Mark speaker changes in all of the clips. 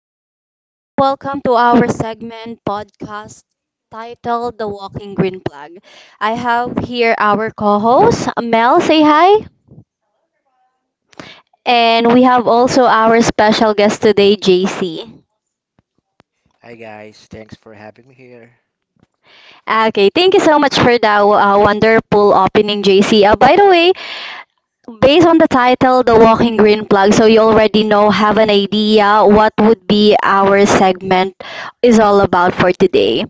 Speaker 1: everybody. Welcome to our segment podcast titled The Walking Green Flag. I have here our co host, Mel, say hi. And we have also our special guest today, JC.
Speaker 2: Hi guys, thanks for having me here.
Speaker 1: Okay, thank you so much for that wonderful opening, JC. By the way, based on the title, The Walking Green Flag, so you already know, have an idea what would be our segment is all about for today.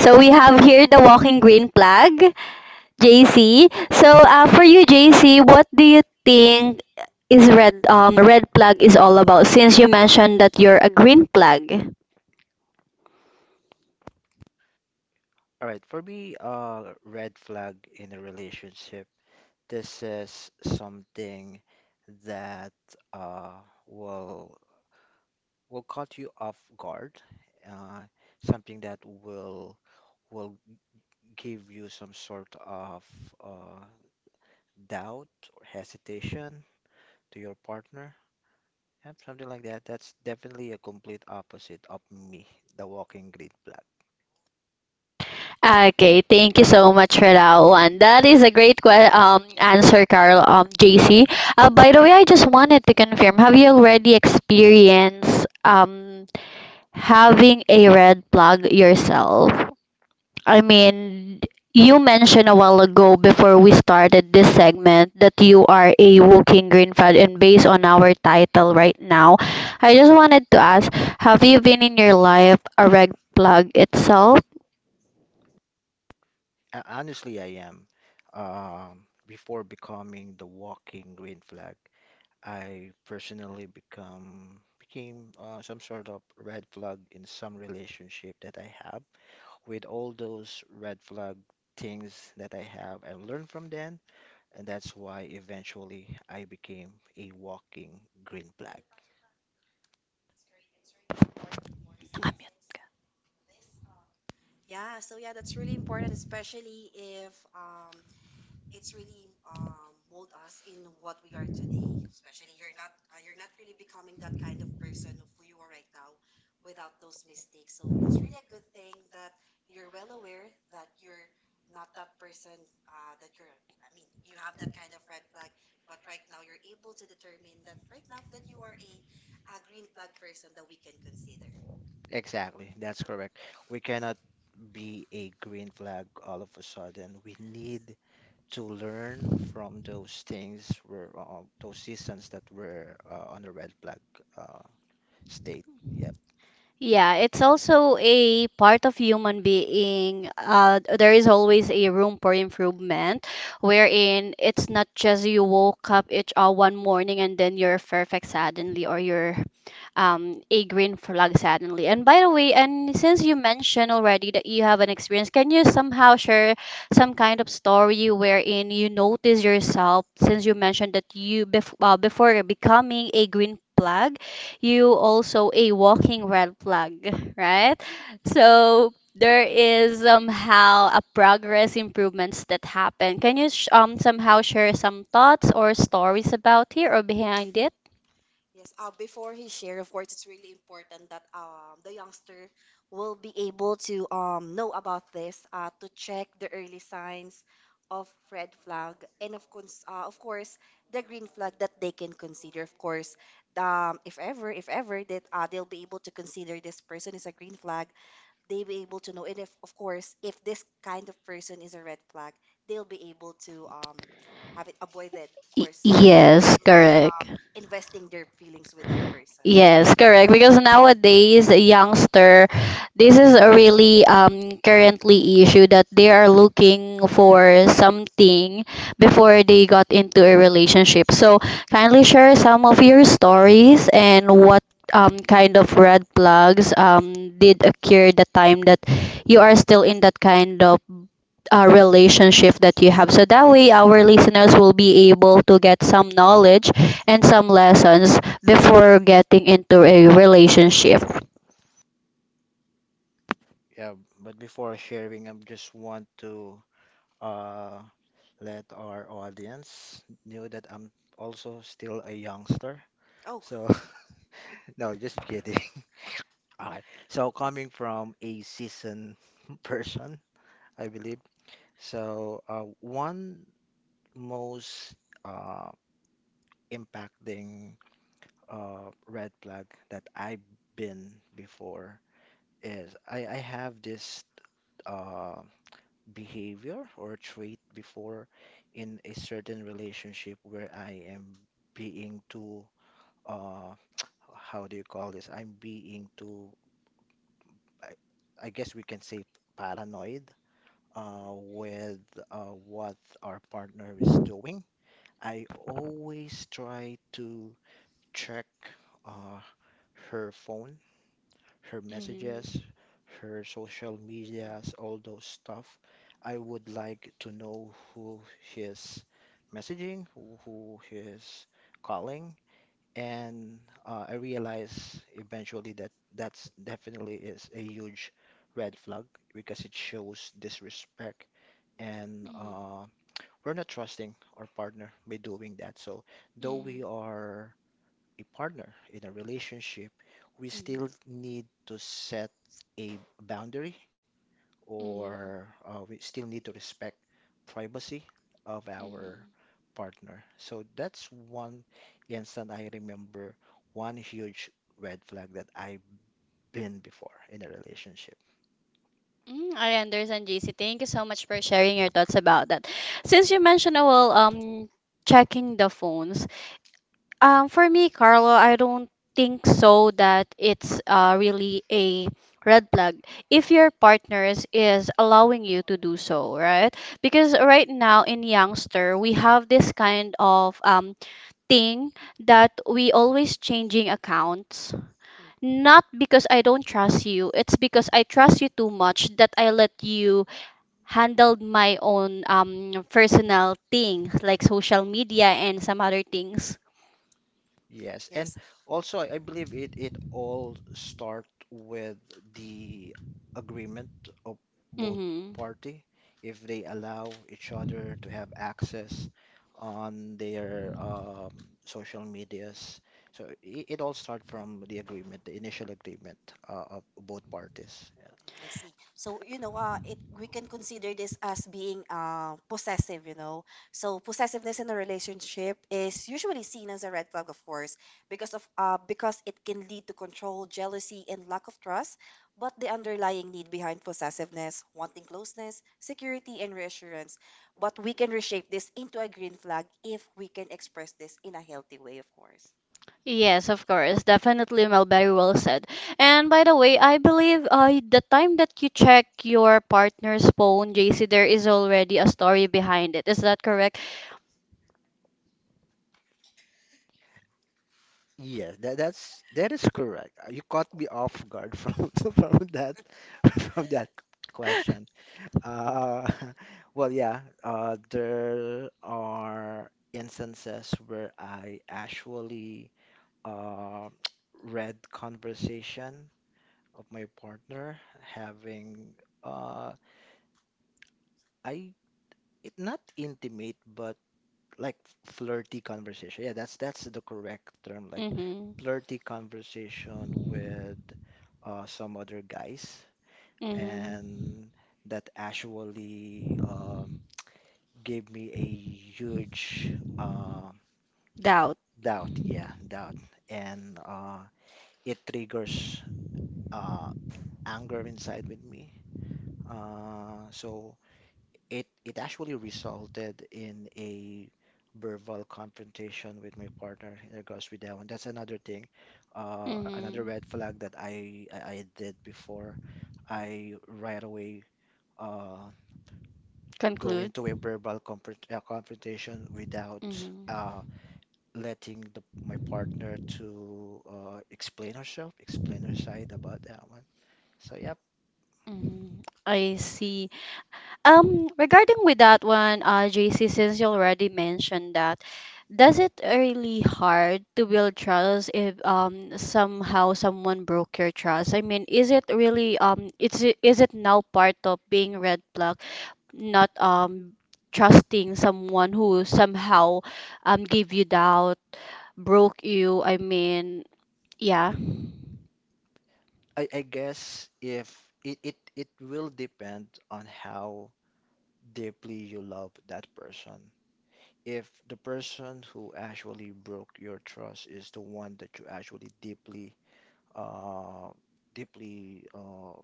Speaker 1: So we have here the walking green flag. JC. So, for you, JC, what do you think is red flag is all about? Since you mentioned that you're a green flag.
Speaker 2: All right, for me, red flag in a relationship. This is something that uh will will caught you off guard. Uh, Something that will give you some sort of uh doubt or hesitation to your partner. Yep, something like that. That's definitely a complete opposite of me, the walking green flag.
Speaker 1: Okay, thank you so much for that one. That is a great answer, Carl. JC. By the way, I just wanted to confirm: have you already experienced having a red plug yourself? I mean, you mentioned a while ago before we started this segment that you are a walking green fad, and based on our title right now, I just wanted to ask, have you been in your life a red plug itself?
Speaker 2: Honestly, I am. Before becoming the walking green flag, I personally become became some sort of red flag in some relationship that I have. With all those red flag things that I have, I learned from them, and that's why eventually I became a walking green flag.
Speaker 3: Yeah, so yeah, that's really important, especially if it's really mold us in what we are today. Especially you're not really becoming that kind of person of who you are right now without those mistakes. So it's really a good thing that you're well aware that you're not that person that you're. I mean, you have that kind of red flag, but right now you're able to determine that right now that you are a green flag person that we can consider.
Speaker 2: Exactly, that's correct. We cannot be a green flag all of a sudden. We need to learn from those things were those seasons that were on the red flag uh, state. Yep,
Speaker 1: Yeah, it's also a part of human being. There is always a room for improvement, wherein it's not just you woke up each one morning and then you're perfect suddenly, or you're a green flag suddenly. And by the way, and since you mentioned already that you have an experience, can you somehow share some kind of story wherein you notice yourself, since you mentioned that you before becoming a green flag, you also a walking red flag, right?
Speaker 3: Yeah.
Speaker 1: So there is somehow a progress improvements that happen. Can you somehow share some thoughts or stories about here or behind it?
Speaker 3: Yes, before he share, of course, it's really important that the youngster will be able to know about this, to check the early signs of red flag and of course, of course, the green flag that they can consider. Of course, if ever that they'll be able to consider this person is a green flag, they'll be able to know. And if, of course, if this kind of person is a red flag, they'll be able to have it avoided, of course
Speaker 1: Yes, correct.
Speaker 3: um, investing their feelings with that person.
Speaker 1: Yes, correct. Because nowadays, a youngster, this is a really currently issue that they are looking for something before they got into a relationship. So kindly share some of your stories and what kind of red flags did occur the time that you are still in that kind of relationship that you have. So that way, our listeners will be able to get some knowledge and some lessons before getting into a relationship.
Speaker 2: yeah. But before sharing, I just want to uh, let our audience know that I'm also still a youngster.
Speaker 3: Oh.
Speaker 2: So no, just kidding. All right. So coming from a seasoned person, I believe. So one most uh, impacting red flag that I've been before is I have this uh, behavior or trait before in a certain relationship where I am being too, uh, how do you call this? I'm being too, I, I guess we can say paranoid
Speaker 3: Mm,
Speaker 2: with what our partner is doing. I always try to check uh, her phone, her
Speaker 1: Mhm.
Speaker 2: messages, her social medias, all those stuff. I would like to know who he is messaging, who he is calling, and I realize eventually that that's definitely is a huge red flag because it shows disrespect
Speaker 3: mm,
Speaker 2: and
Speaker 1: Mhm.
Speaker 2: we're not trusting our partner by doing that. So though we
Speaker 1: Mhm.
Speaker 2: are a partner in a relationship, we
Speaker 1: Mhm.
Speaker 2: still need to set a boundary
Speaker 1: Mhm.
Speaker 2: or we still need to respect privacy of our
Speaker 1: Mhm.
Speaker 2: partner. So that's one instant I remember one huge red flag that I've been before in a relationship.
Speaker 1: Mm, I understand, JC. Thank you so much for sharing your thoughts about that. Since you mentioned, well, checking the phone. For me, Carlo, I don't think so that it's really a red flag if your partners is allowing you to do so, right? Because right now in youngster, we have this kind of thing that we always changing accounts.
Speaker 3: mm. mm.
Speaker 1: Not because I don't trust you, it's because I trust you too much that I let you handled my own personal things like social media and some other things.
Speaker 2: Yes, and
Speaker 3: Yes.
Speaker 2: also I believe it all start with the agreement of both
Speaker 1: Mm-hmm.
Speaker 2: party if they allow each other to have access on their social medias. So it all start from the agreement, the initial agreement of both parties. Yeah.
Speaker 3: Mm, I see. So, you know, it we can consider this as being possessive, you know. So, possessiveness in a relationship is usually seen as a red flag, of course, because of because it can lead to control, jealousy, and lack of trust. But the underlying need behind possessiveness, wanting closeness, security, and reassurance. But we can reshape this into a green flag if we can express this in a healthy way, of course.
Speaker 1: Yes, of course. Definitely, Mel. Very well said. And by the way, I believe the time that you check your partner's phone, JC, there is already a story behind it. Is that correct?
Speaker 2: Yes, that that is correct. You caught me off guard from from that from that question. Uh, well, yeah, there are instances where I actually uh, read conversation of my partner having uh, I it not intimate but like flirty conversation. Yeah, that's the correct term, like
Speaker 1: Mm-hmm.
Speaker 2: flirty conversation with some other guys,
Speaker 1: Mm-hmm.
Speaker 2: and that actually gave me a huge uh,
Speaker 1: Doubt.
Speaker 2: doubt. Yeah, doubt, and it triggers uh, anger inside with me. So it actually resulted in a verbal confrontation with my partner in regards with that one. That's another thing, another
Speaker 1: Mm-hmm.
Speaker 2: red flag that I did before. I right away uh, go
Speaker 1: Conclude.
Speaker 2: into a verbal confrontation without
Speaker 1: Mm-hmm.
Speaker 2: uh, letting the my partner to explain herself, explain her side about that one. So yep,
Speaker 1: Mm-hmm. I see. Regarding with that one, JC, since you already mentioned that, does it really hard to build trust if somehow someone broke your trust? I mean, is it really it's is it now part of being red flag, not trusting someone who somehow gave you doubt, broke you? I mean, yeah.
Speaker 2: I guess if it will depend on how deeply you love that person. If the person who actually broke your trust is the one that you actually deeply uh deeply uh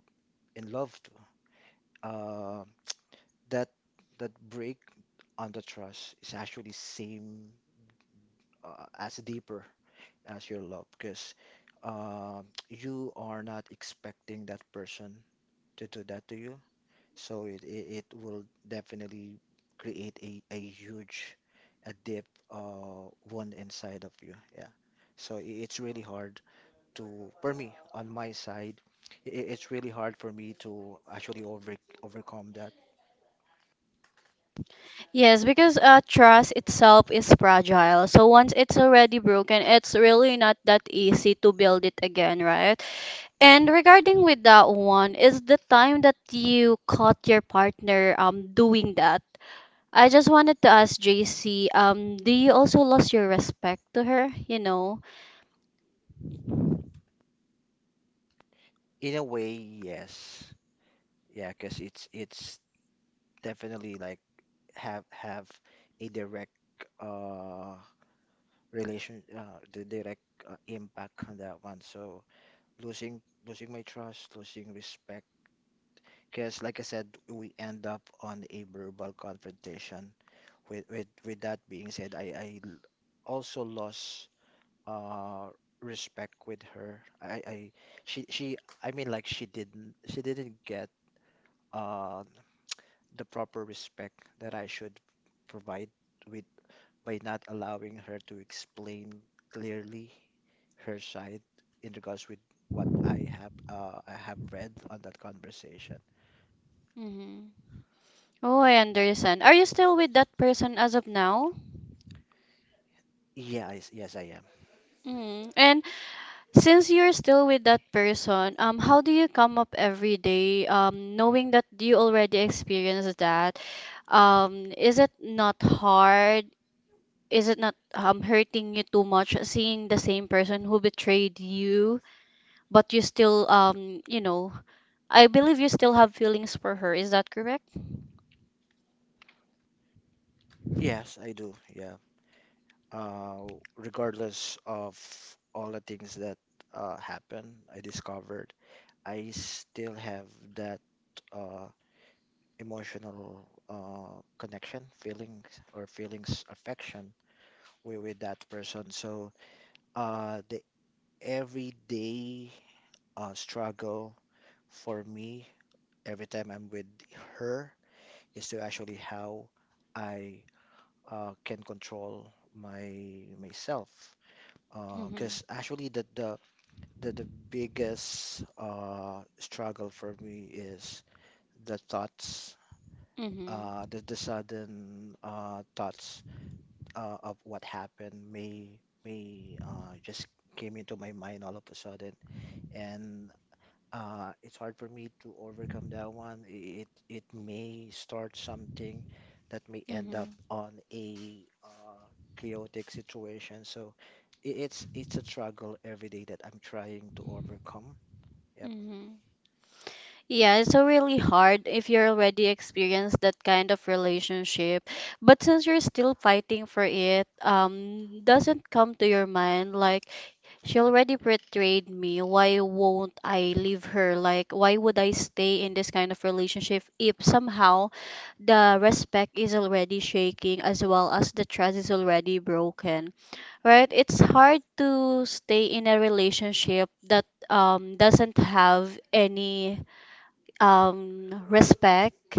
Speaker 2: in love to, uh, that that break on the trust is actually same as deeper as your love because you are not expecting that person to do that to you. So it will definitely create a huge a deep one inside of you. Yeah. So it's really hard to for me on my side, it's really hard for me to actually overcome that.
Speaker 1: Yes, because trust itself is fragile. So once it's already broken, it's really not that easy to build it again, right? And regarding with that one, is the time that you caught your partner doing that? I just wanted to ask JC, do you also lost your respect to her? You know?
Speaker 2: In a way, yes. Yeah, because it's definitely like have a direct uh relation the direct impact on that one. So losing my trust, losing respect because like I said, we end up on a verbal confrontation with that being said, I also lost uh respect with her. I i she she i mean, like, she didn't get uh the proper respect that I should provide with by not allowing her to explain clearly her side in regards with what I have I have read on that conversation.
Speaker 1: Hmm. Oh, I understand. Are you still with that person as of now?
Speaker 2: Yeah, I s Yes, I am.
Speaker 1: Mm. And since you're still with that person, how do you come up every day, knowing that you already experienced that? Is it not hard? Is it not hurting you too much seeing the same person who betrayed you, but you still, I believe you still have feelings for her. Is that correct?
Speaker 2: Yes, I do. Yeah. Regardless of all the things that happen, I discovered I still have that uh, emotional connection, feelings affection with that person. So the everyday struggle for me every time I'm with her is to actually how I can control my myself.
Speaker 1: Mm-hmm.
Speaker 2: Because actually the biggest struggle for me is the thoughts,
Speaker 1: Mm-hmm.
Speaker 2: the sudden thoughts of what happened may just came into my mind all of a sudden, and it's hard for me to overcome that one. It may start something that may end up on a chaotic situation. So it's a struggle every day that I'm trying to overcome. Yep.
Speaker 1: Mm-hmm. Mm-hmm. Yeah, it's so really hard if you're already experienced that kind of relationship. But since you're still fighting for it, doesn't come to your mind like she already betrayed me. Why won't I leave her? Like, why would I stay in this kind of relationship if somehow the respect is already shaking as well as the trust is already broken? Right? It's hard to stay in a relationship that doesn't have any respect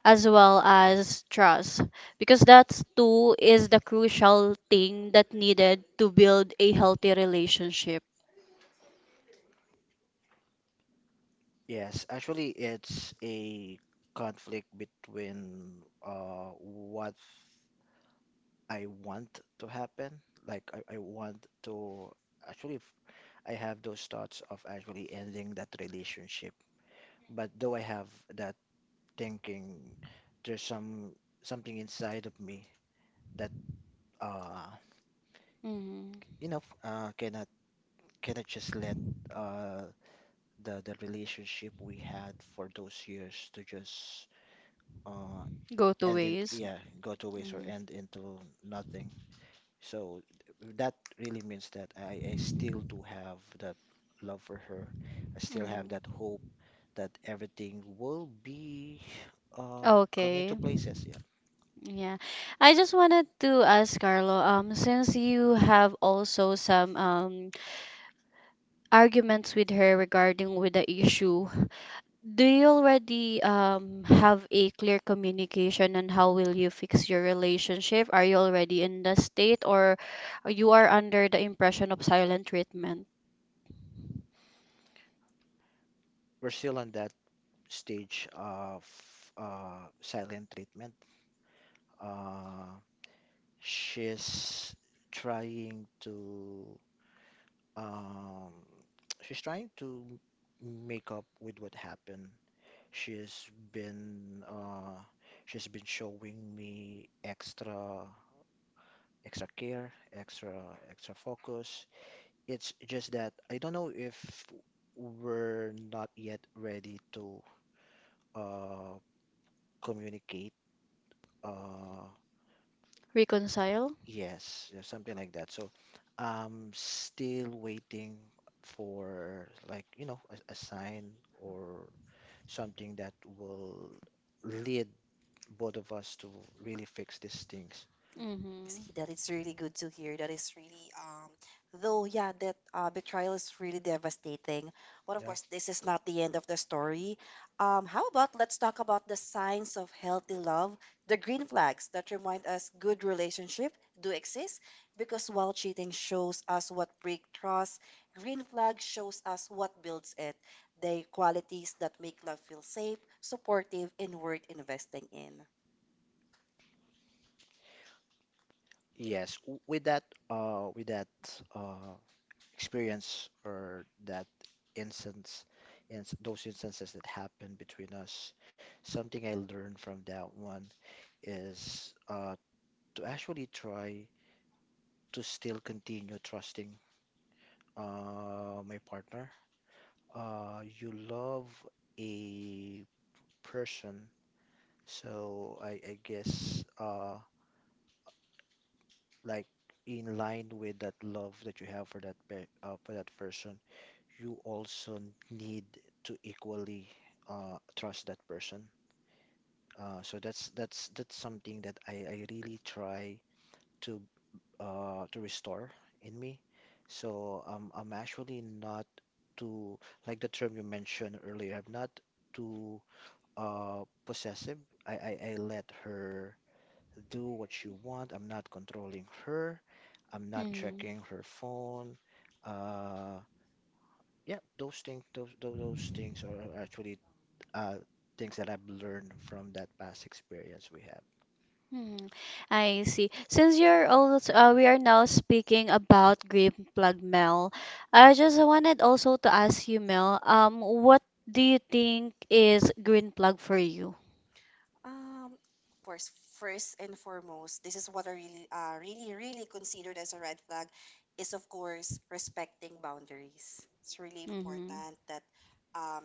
Speaker 1: as well as trust because that's two is the crucial thing that needed to build a healthy relationship.
Speaker 2: Yes, actually, it's a conflict between what I want to happen. Like I want to actually, if I have those thoughts of actually ending that relationship. But though I have that thinking, there's something inside of me that uh
Speaker 1: Mm.
Speaker 2: you know uh cannot cannot just let uh the relationship we had for those years to just uh
Speaker 1: Go to
Speaker 2: end in,
Speaker 1: ways.
Speaker 2: yeah, go to waste or
Speaker 1: Hmm.
Speaker 2: end into nothing. So that really means that I still do have that love for her. I still have that
Speaker 1: Mhm.
Speaker 2: hope that everything will be uh come
Speaker 1: Okay.
Speaker 2: into places. Yeah.
Speaker 1: Yeah. I just wanted to ask Carlo, since you have also some arguments with her regarding with the issue, do you already have a clear communication on how will you fix your relationship? Are you already in the state or you are under the impression of silent treatment?
Speaker 2: We're still on that stage of silent treatment. Uh, she's trying to um, she's trying to make up with what happened. She's been uh, she's been showing me extra care, extra focus. It's just that I don't know if we're not yet ready to uh, communicate. Uh,
Speaker 1: Reconcile?
Speaker 2: yes, yeah, something like that. So I'm still waiting for, like, you know, a sign or something that will lead both of us to really fix these things.
Speaker 1: Mm-hmm.
Speaker 3: See, that is really good to hear. That is really, though, yeah, that betrayal is really devastating. But of
Speaker 2: Yeah.
Speaker 3: course, this is not the end of the story. How about let's talk about the signs of healthy love, the green flags that remind us good relationship do exist. Because while cheating shows us what break trust, green flag shows us what builds it. The qualities that make love feel safe, supportive, and worth investing in.
Speaker 2: Yes, with that, uh, with that uh, experience or that instance, and those instances that happened between us, something I learned from that one is to actually try to still continue trusting my partner. You love a person, so I guess like in line with that love that you have for that pe for that person, you also need to equally trust that person. So that's something that I really try to to restore in me. So I'm actually not too, like the term you mentioned earlier, I'm not too possessive. I let her do what she want. I'm not controlling her. I'm not
Speaker 1: Mm,
Speaker 2: checking her phone. Uh, yeah, those things, those things are actually uh, things that I've learned from that past experience we have.
Speaker 1: mm. I see. Since you're also, we are now speaking about Green Plug Mel, I just wanted also to ask you, Mel, what do you think is Green Plug for you?
Speaker 3: Of course, first and foremost, this is what I really, really considered as a red flag is, of course, respecting boundaries. It's really
Speaker 1: Mm-hmm.
Speaker 3: important that, um,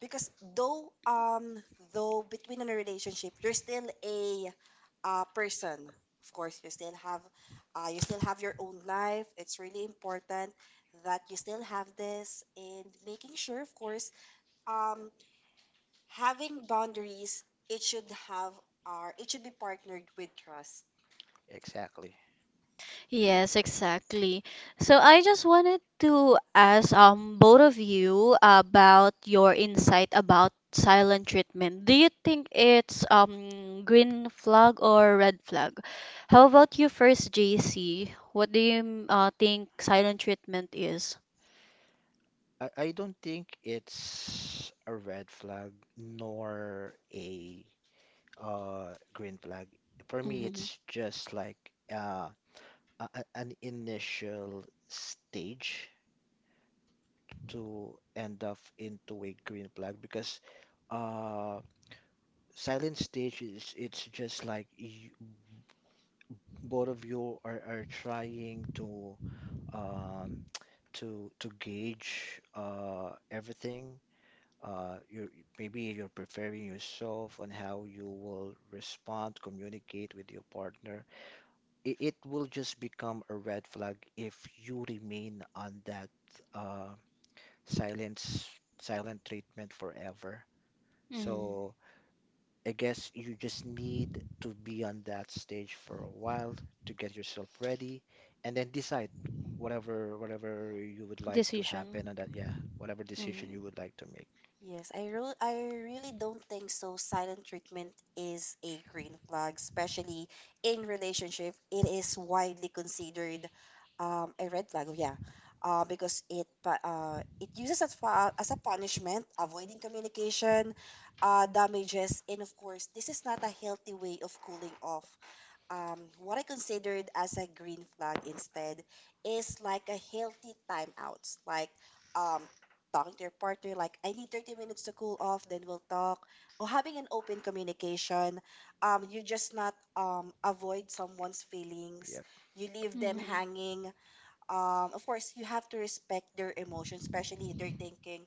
Speaker 3: because though between in a relationship, you're still person. Of course, you still you still have your own life. It's really important that you still have this and making sure, of course, um, having boundaries, it should have it should be partnered with trust.
Speaker 2: Exactly.
Speaker 1: Yes, exactly. So I just wanted to ask both of you about your insight about silent treatment. Do you think it's green flag or red flag? How about you first, JC? What do you think silent treatment is?
Speaker 2: I don't think it's a red flag nor a green flag. For me,
Speaker 1: Mm-hmm.
Speaker 2: it's just like uh an initial stage to end up into a green flag because uh silent stage is, it's just like you, both of you are trying to um to gauge everything. You, maybe you're preparing yourself on how you will respond, communicate with your partner. It will just become a red flag if you remain on that uh, silence, silent treatment forever.
Speaker 1: Mm.
Speaker 2: So I guess you just need to be on that stage for a while to get yourself ready, and then decide whatever you would like to happen,
Speaker 1: Decision.
Speaker 2: and that, yeah, whatever decision you
Speaker 1: Mm-hmm.
Speaker 2: would like to make.
Speaker 3: Yes, I really don't think so. Silent treatment is a green flag, especially in relationship. It is widely considered a red flag. Yeah, because it uses as a punishment, avoiding communication, damages, and of course, this is not a healthy way of cooling off. Um, what I considered as a green flag instead is like a healthy timeouts, like um, talking to your partner, like I need 30 minutes to cool off, then we'll talk, or having an open communication. You just not avoid someone's feelings, you leave them
Speaker 1: Mm-hmm.
Speaker 3: hanging, of course, you have to respect their emotions, especially if they're thinking,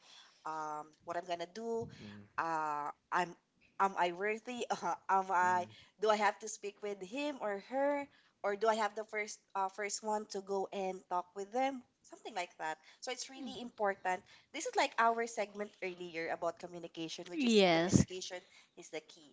Speaker 3: what I'm gonna do,
Speaker 2: Mm,
Speaker 3: I'm, am I worthy? Am I? Do I have to speak with him or her, or do I have the first one to go and talk with them? Something like that. So it's really important. This is like our segment earlier about communication, which is
Speaker 1: Yes.
Speaker 3: communication is the key.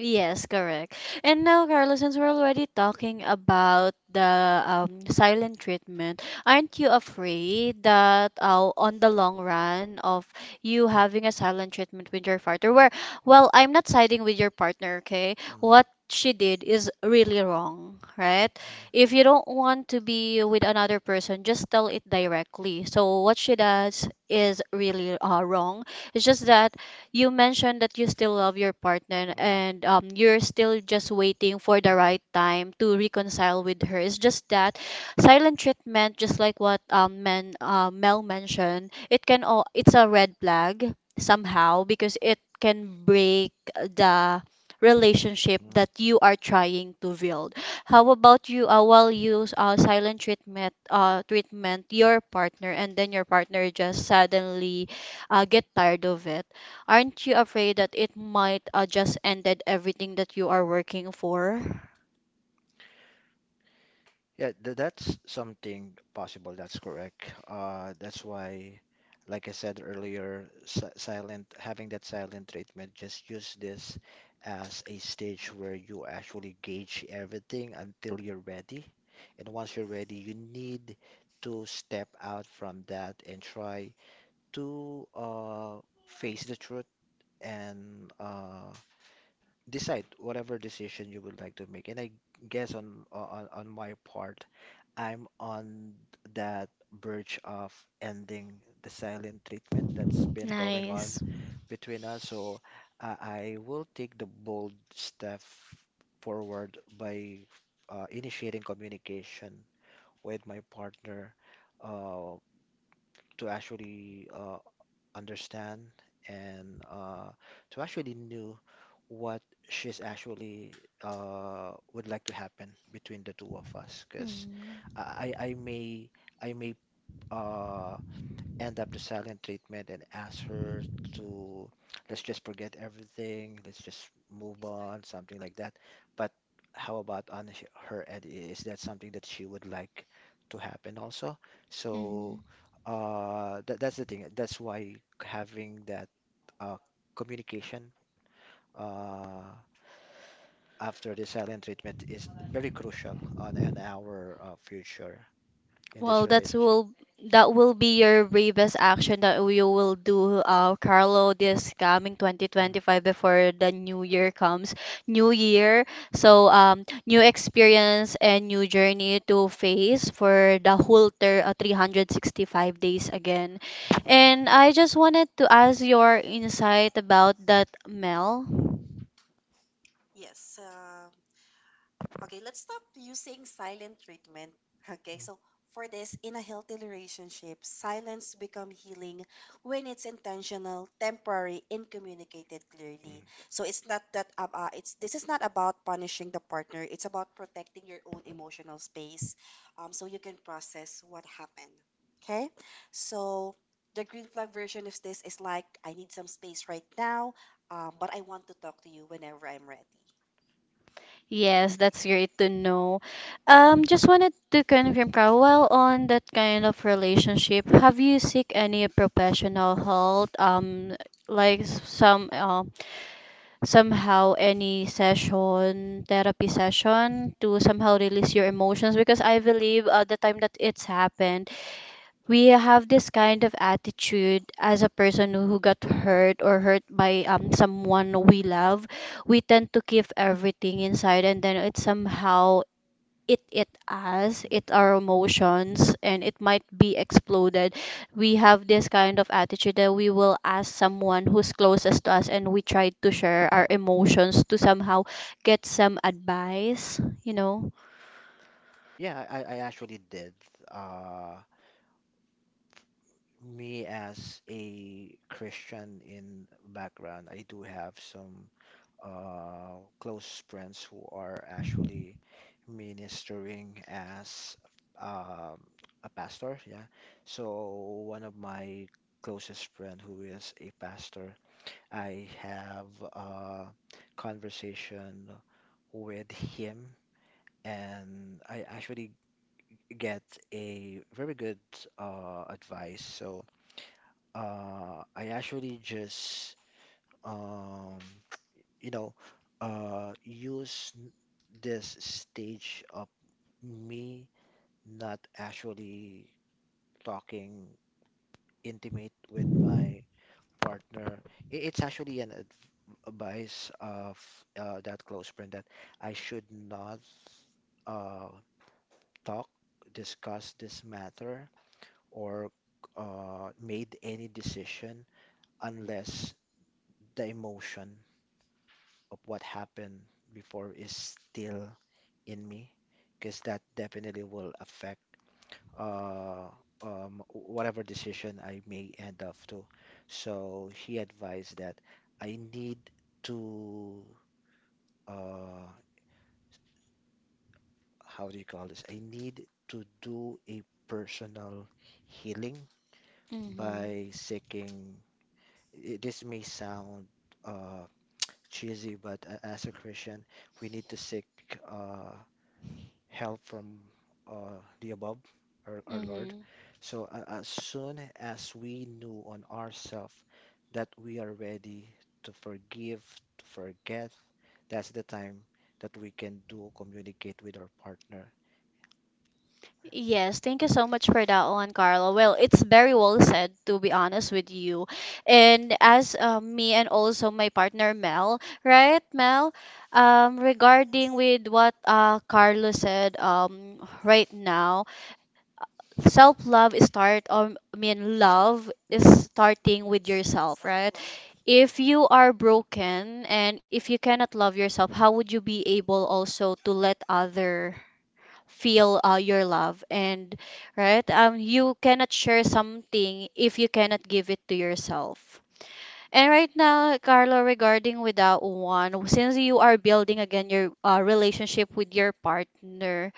Speaker 1: Yes, correct. And now, Carla, since we're already talking about the silent treatment, aren't you afraid that on the long run of you having a silent treatment with your partner, where, well, I'm not siding with your partner, okay? What she did is really wrong, right? If you don't want to be with another person, just tell it directly. So what she does is really wrong. It's just that you mentioned that you still love your partner and you're still just waiting for the right time to reconcile with her. It's just that silent treatment, just like what Mel mentioned, it can all, it's a red flag somehow because it can break the relationship that you are trying to build. How about you while you silent treatment treatment your partner and then your partner just suddenly get tired of it. Aren't you afraid that it might just ended everything that you are working for?
Speaker 2: Yeah, th that's something possible. That's correct. That's why, like I said earlier, si silent, having that silent treatment, just use this as a stage where you actually gauge everything until you're ready. And once you're ready, you need to step out from that and try to face the truth and decide whatever decision you would like to make. And I guess on my part. I'm on that verge of ending the silent treatment that's been going on
Speaker 1: Nice.
Speaker 2: between us. So I will take the bold step forward by initiating communication with my partner uh, to actually understand and to actually knew what she's actually would like to happen between the two of us. Because I, I I may I may uh, end up the silent treatment and ask her to, let's just forget everything, let's just move on, something like that. But how about on her end? Is that something that she would like to happen also? So that's the thing. That's why having that uh, communication uh, after the silent treatment is very crucial on our future in this
Speaker 1: Well, that's
Speaker 2: relationship.
Speaker 1: will that will be your bravest action that you will do, Carlo, this coming
Speaker 2: Mm. Mhm.
Speaker 1: 2025 before the new year comes. New year,
Speaker 2: Mhm.
Speaker 1: so new experience and new journey to face for the whole 365 days again. And I just wanted to ask your insight about that, Mel.
Speaker 3: Yes. Okay, let's stop using silent treatment. Okay, so for this, in a healthy relationship, silence become healing when it's intentional, temporary, and communicated clearly.
Speaker 2: Mhm.
Speaker 3: So it's not that it's this is not about punishing the partner. It's about protecting your own emotional space, so you can process what happened. Okay, so the green flag version of this is like I need some space right now, but I want to talk to you whenever I'm ready.
Speaker 1: Yes, that's
Speaker 2: Yeah.
Speaker 1: great to know. Just wanted to confirm, Carl, while on that kind of relationship, have you seek any professional help? Like somehow any session, therapy session to somehow release your emotions, because I believe at the time that it's happened, we have this kind of attitude as a person who got hurt or hurt by someone we love, we tend to keep everything inside and then it somehow it us
Speaker 2: Mhm.
Speaker 1: it our emotions and it might be exploded. We have this kind of attitude that we will ask someone who's closest to us and we try to share our emotions to somehow get some advice you
Speaker 2: Mhm.
Speaker 1: know
Speaker 2: Yeah, I actually did. Uh, Me as a Christian in background, I do have some close friends who are actually ministering as um, a pastor. Yeah. So one of my closest friend who is a pastor, I have a conversation with him, and I actually get a very good advice. So I actually just, um, you know, uh, use n- this stage of me not actually talking intimate with my partner, it's actually an advice of that close friend that I should not uh, talk, discuss this matter, or made any decision unless the emotion of what happened before is still in me, because that definitely will affect. uh, Whatever decision I may end up to. So he advised that I need to, uh, how do you call this? I need to do a personal healing
Speaker 1: Mhm.
Speaker 2: by seeking. This may sound uh, cheesy, but as a Christian, we need to seek. Uh, Help from the above, our Lord.
Speaker 1: Mhm.
Speaker 2: So as soon as we knew on ourselves that we are ready to forgive, to forget, that's the time that we can do communicate with our partner.
Speaker 1: Yes, thank you so much for that one, Carlo. Well, it's very well said, to be honest with you. And as me and also my partner Mel, right, Mel?
Speaker 3: Yes,
Speaker 1: Regarding with what Carlo said, right now, self-love is start. I mean, love is starting with yourself,
Speaker 3: self
Speaker 1: right?
Speaker 3: love.
Speaker 1: If you are broken and if you cannot love yourself, how would you be able also to let other feel your love, and right, you cannot share something if you cannot give it to yourself. And right now, Carlo, regarding with that one, since you are building again your relationship with your partner,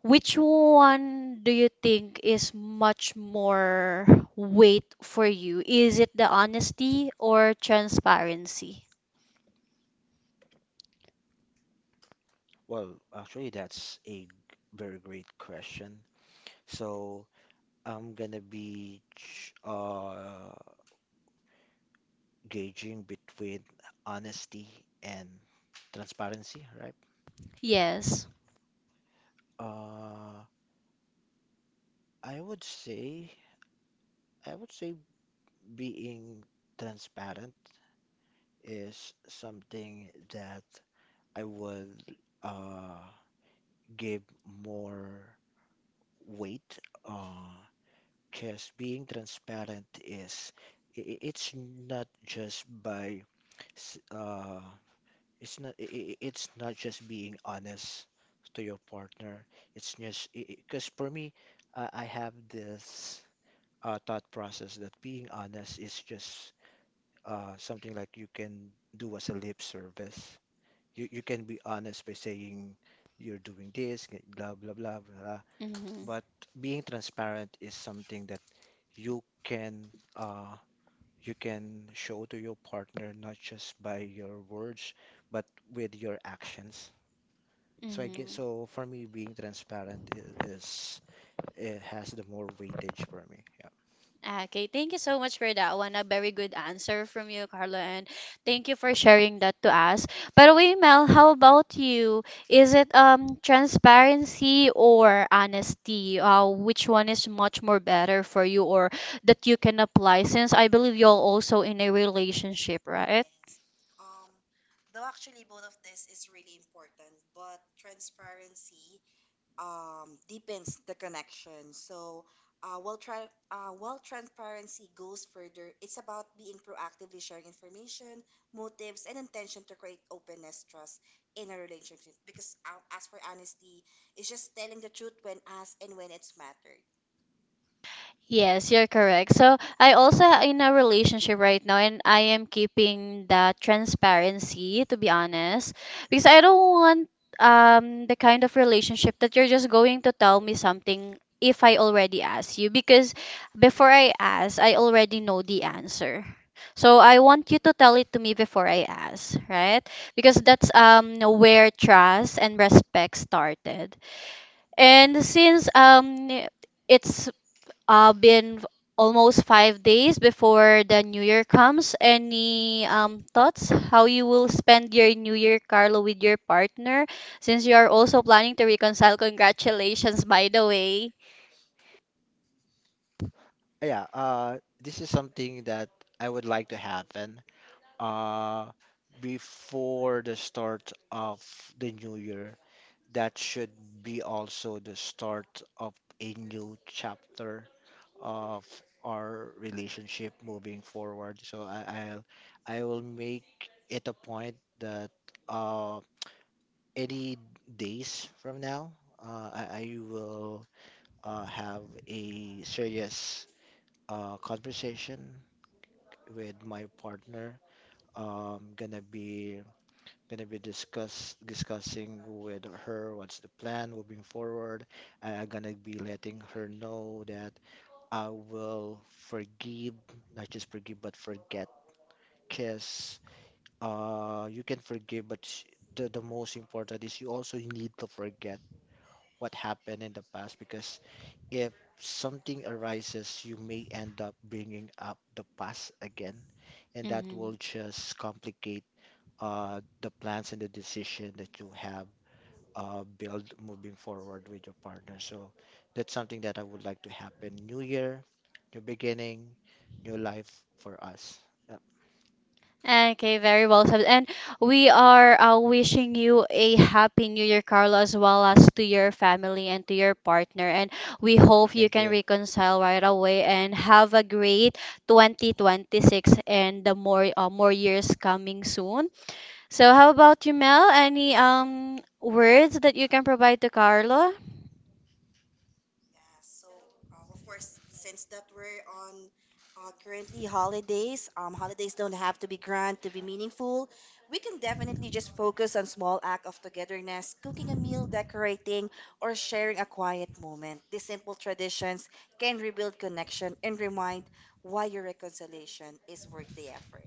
Speaker 1: which one do you think is much more weight for you? Is it the honesty or transparency?
Speaker 2: Well, actually, that's very great question. So I'm gonna be ch- gauging between honesty and transparency, right?
Speaker 1: Yes.
Speaker 2: Uh, I would say I would say being transparent is something that I would uh give more weight. Uh, because being transparent is it's not just s- uh it's not it's not just being honest to your partner. It's just because for me, I have this thought process that being honest is just something like you can do as a lip service. You can be honest by saying you're doing this, blah blah blah blah.
Speaker 1: Mm-hmm.
Speaker 2: But being transparent is something that you can uh, you can show to your partner not just by your words but with your actions. So I get
Speaker 1: Hmm.
Speaker 2: so for me being transparent is it has the more weightage for me. Yeah.
Speaker 1: Okay, thank you so much for that one. A very good answer from you, Carla, and thank you for sharing that to us. By the way, Mel, how about you? Is it transparency or honesty? Which one is much more better for you, or that you can apply? Since I believe you're also in a relationship, right?
Speaker 3: Yes. Um, though actually both of this is really important, but transparency deepens the connection. So, while transparency goes further, it's about being proactively sharing information, motives, and intention to create openness, trust in a relationship. Because as for honesty, it's just telling the truth when asked and when it's mattered.
Speaker 1: Yes, you're correct. So I also in a relationship right now, and I am keeping that transparency to be honest, because I don't want the kind of relationship that you're just going to tell me something if I already ask you, because before I ask, I already know the answer. So I want you to tell it to me before I ask, right? Because that's where trust and respect started. And since it's I've been almost 5 days before the new year comes. Any thoughts how you will spend your new year, Carlo, with your partner since you are also planning to reconcile? Congratulations, by the way.
Speaker 2: Yeah, this is something that I would like to happen uh before the start of the new year. That should be also the start of a new chapter of our relationship moving forward. So I, I'll I will make it a point that uh any days from now, I will have a serious conversation with my partner. Um, gonna be gonna be discussing with her what's the plan moving forward. I'm gonna be letting her know that I will forgive, not just forgive, but forget. Kiss. You can forgive, but the most important is you also need to forget what happened in the past because if something arises, you may end up bringing up the past again, and that will
Speaker 1: Mhm.
Speaker 2: just complicate the plans and the decision that you have built moving forward with your partner. So that's something that I would like to happen. New year, new beginning, new life for us. Yep.
Speaker 1: Okay, very well said. And we are wishing you a happy new year, Carlo, as well as to your family and to your partner. And we hope you
Speaker 2: Thank
Speaker 1: can
Speaker 2: you.
Speaker 1: reconcile right away and have a great 2026 and the more years coming soon. So, how about you, Mel? Any words that you can provide to Carlo?
Speaker 3: Yeah, so of course, since that we're on currently holidays, holidays don't have to be grand to be meaningful. We can definitely just focus on small act of togetherness, cooking a meal, decorating, or sharing a quiet moment. These simple traditions can rebuild connection and remind why your reconciliation is worth the effort.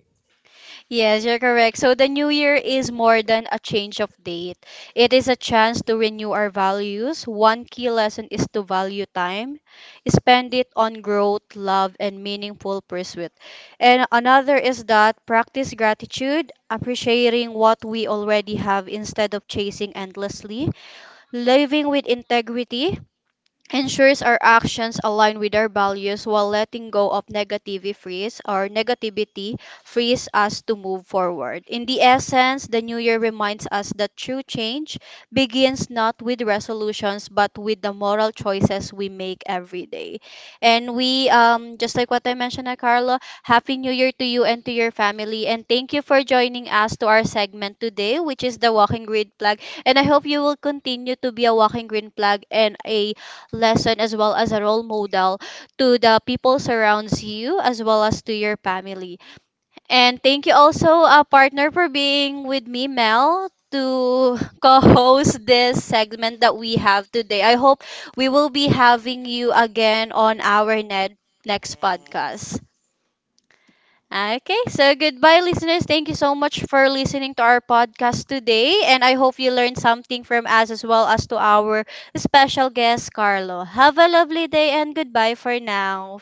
Speaker 1: Yes, you're correct. So the new year is more than a change of date. It is a chance to renew our values. One key lesson is to value time, spend it on growth, love, and meaningful pursuit. And another is that practice gratitude, appreciating what we already have instead of chasing endlessly, living with integrity, ensures our actions align with our values, while letting go of negativity frees us to move forward. In the essence, the new year reminds us that true change begins not with resolutions but with the moral choices we make every day. And we just like what I mentioned, na Carlo, happy new year to you and to your family, and thank you for joining us to our segment today, which is the walking green flag. And I hope you will continue to be a walking green flag and a lesson as well as a role model to the people surrounds you as well as to your family. And thank you also, partner, for being with me, Mel, to co-host this segment that we have today. I hope we will be having you again on our Ned next
Speaker 3: Yes.
Speaker 1: podcast. Okay, so goodbye, listeners. Thank you so much for listening to our podcast today. And I hope you learned something from us as well as to our special guest, Carlo. Have a lovely day and goodbye for now.